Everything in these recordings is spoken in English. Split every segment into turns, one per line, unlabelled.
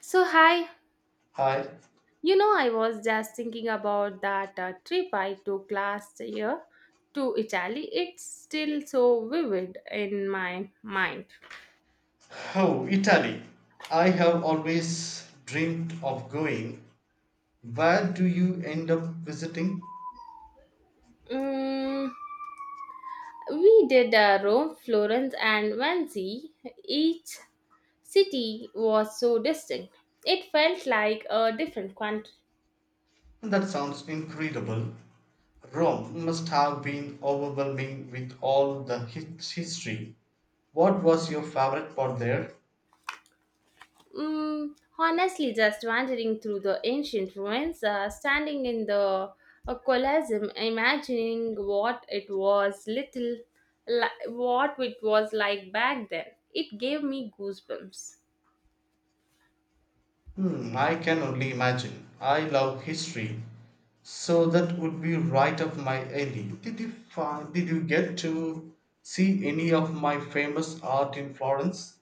So, hi.
I,
I was just thinking about that trip I took last year to Italy. It's still so vivid in my mind.
oh, Italy. I have always dreamed of going. Where do you end up visiting?
Mm, we did Rome, Florence, and Venice. Each city was so distinct. It felt like a different country.
That sounds incredible. Rome must have been overwhelming with all the history. What was your favorite part there?
Mm, honestly, just wandering through the ancient ruins, standing in the Colosseum, imagining what it was what it was like back then. It gave me goosebumps.
Hmm, I can only imagine. I love history, so that would be right up my alley. Did you get to see any of my famous art in Florence?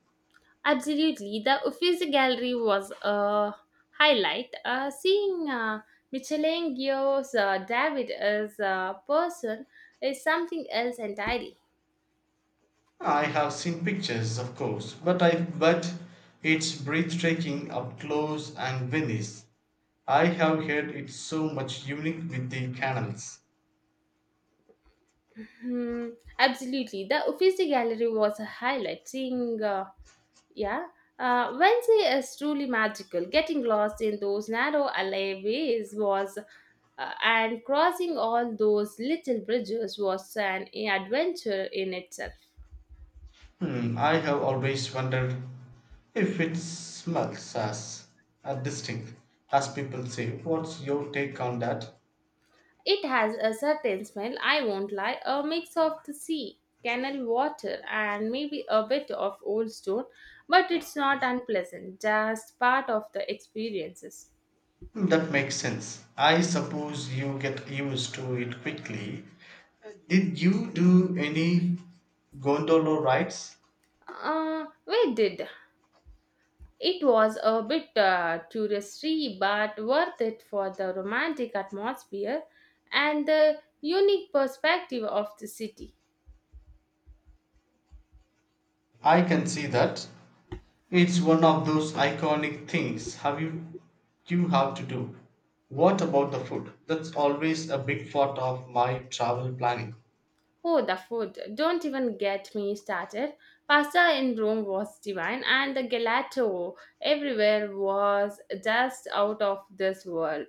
Absolutely, the Uffizi Gallery was a highlight. Seeing Michelangelo's David as a person is something else entirely.
I have seen pictures, of course, but I but it's breathtaking up close. And Venice, I have heard it's so much unique with the canals.
Hmm, absolutely, the Uffizi Gallery was a highlight. Seeing yeah. Wednesday is truly magical. Getting lost in those narrow alleyways and crossing all those little bridges was an adventure in itself.
Hmm, I have always wondered if it smells as distinct as people say. What's your take on that?
It has a certain smell, I won't lie, a mix of the sea, canal water, and maybe a bit of old stone, but it's not unpleasant, just part of the experiences.
Hmm, that makes sense. I suppose you get used to it quickly. Did you do any gondola rides?
We did. It was a bit touristy, but worth it for the romantic atmosphere and the unique perspective of the city.
I can see that. It's one of those iconic things have you you have to do. What about the food? That's always a big part of my travel planning.
Oh, the food! Don't even get me started. Pasta in Rome was divine, and the gelato everywhere was just out of this world.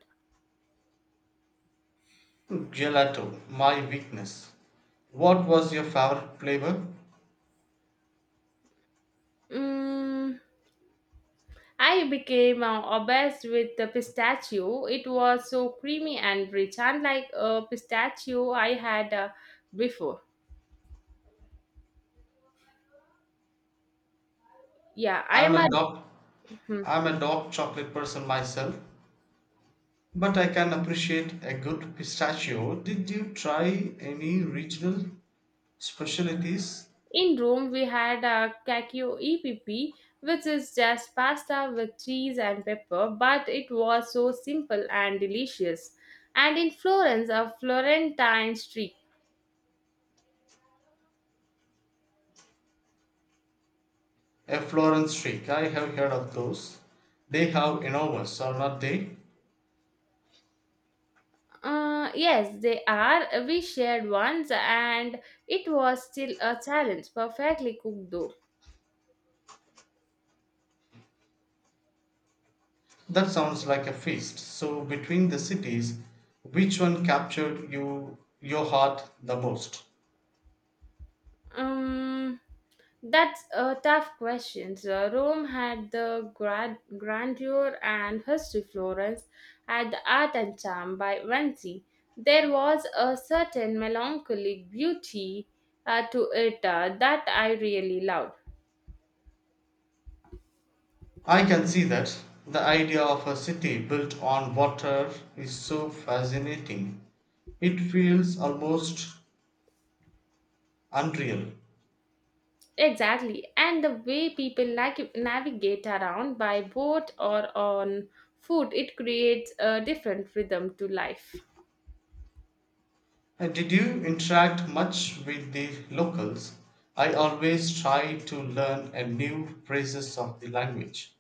Gelato, my weakness. What was your favorite flavor?
Mm, I became obsessed with the pistachio. It was so creamy and rich, unlike a pistachio I had before. Yeah, I
I'm
am
a
at
dark
hmm.
I'm a dark chocolate person myself, but I can appreciate a good pistachio. Did you try any regional specialties?
In Rome, we had a cacio e pepe, which is just pasta with cheese and pepper, but it was so simple and delicious. And in Florence, a Florentine streak.
A Florence streak. I have heard of those. They have enormous, are not they?
Yes, they are. We shared once, and it was still a challenge. Perfectly cooked though.
That sounds like a feast. So between the cities, which one captured your heart the most?
Um, That's a tough question. Rome had the grandeur and history. Florence had the art and charm by Vinci. There was a certain melancholic beauty to it that I really loved.
I can see that the idea of a city built on water is so fascinating. It feels almost unreal.
Exactly, and the way people like navigate around by boat or on foot, it creates a different rhythm to life.
Did you interact much with the locals? I always try to learn a new phrases of the language.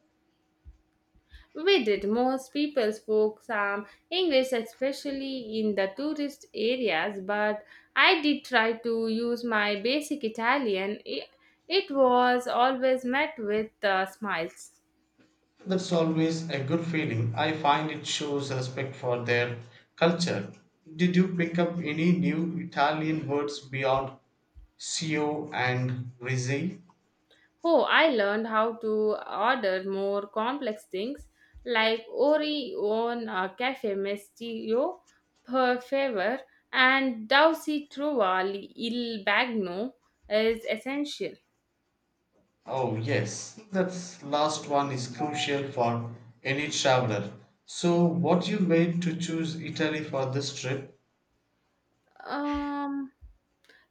We did. Most people spoke some English, especially in the tourist areas, but I did try to use my basic Italian. It was always met with smiles.
That's always a good feeling. I find it shows respect for their culture. Did you pick up any new Italian words beyond CO and Rizzi?
Oh, I learned how to order more complex things like Ori on Cafe Mestio per favor and Dausi Trova il Bagno is essential.
Oh, yes, that last one is crucial for any traveler. So, what you made to choose Italy for this trip?
Um,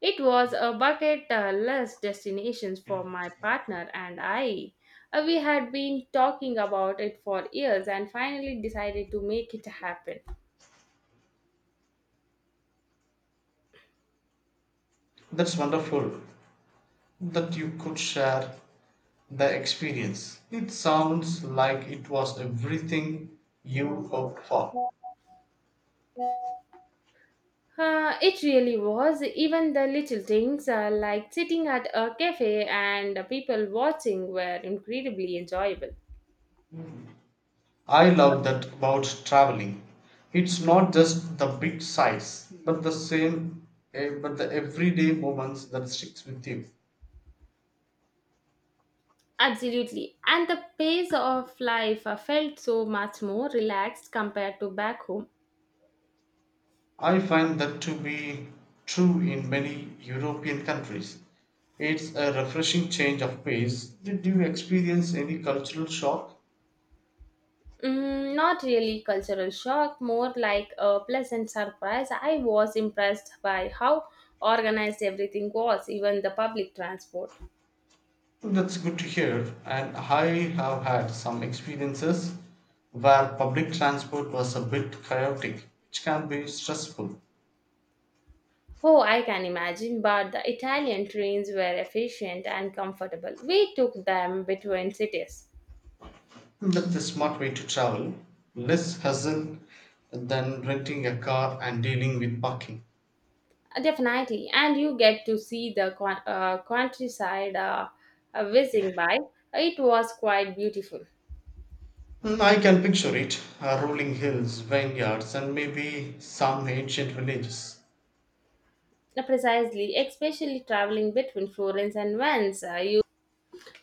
it was a bucket list destinations for my partner and I. We had been talking about it for years and finally decided to make it happen.
That's wonderful that you could share the experience. It sounds like it was everything you hoped for.
It really was. Even the little things like sitting at a cafe and people watching were incredibly enjoyable.
I love that about traveling. It's not just the big sights, but but the everyday moments that sticks with you.
Absolutely. And the pace of life felt so much more relaxed compared to back home.
I find that to be true in many European countries. It's a refreshing change of pace. Did you experience any cultural shock?
Mm, not really cultural shock, more like a pleasant surprise. I was impressed by how organized everything was, even the public transport.
That's good to hear. And I have had some experiences where public transport was a bit chaotic, which can be stressful.
Oh, I can imagine, but the Italian trains were efficient and comfortable. We took them between cities.
That's a smart way to travel. Less hassle than renting a car and dealing with parking.
Definitely, and you get to see the countryside whizzing by. It was quite beautiful.
Mm, I can picture it, rolling hills, vineyards, and maybe some ancient villages.
Precisely, especially traveling between Florence and Venice. You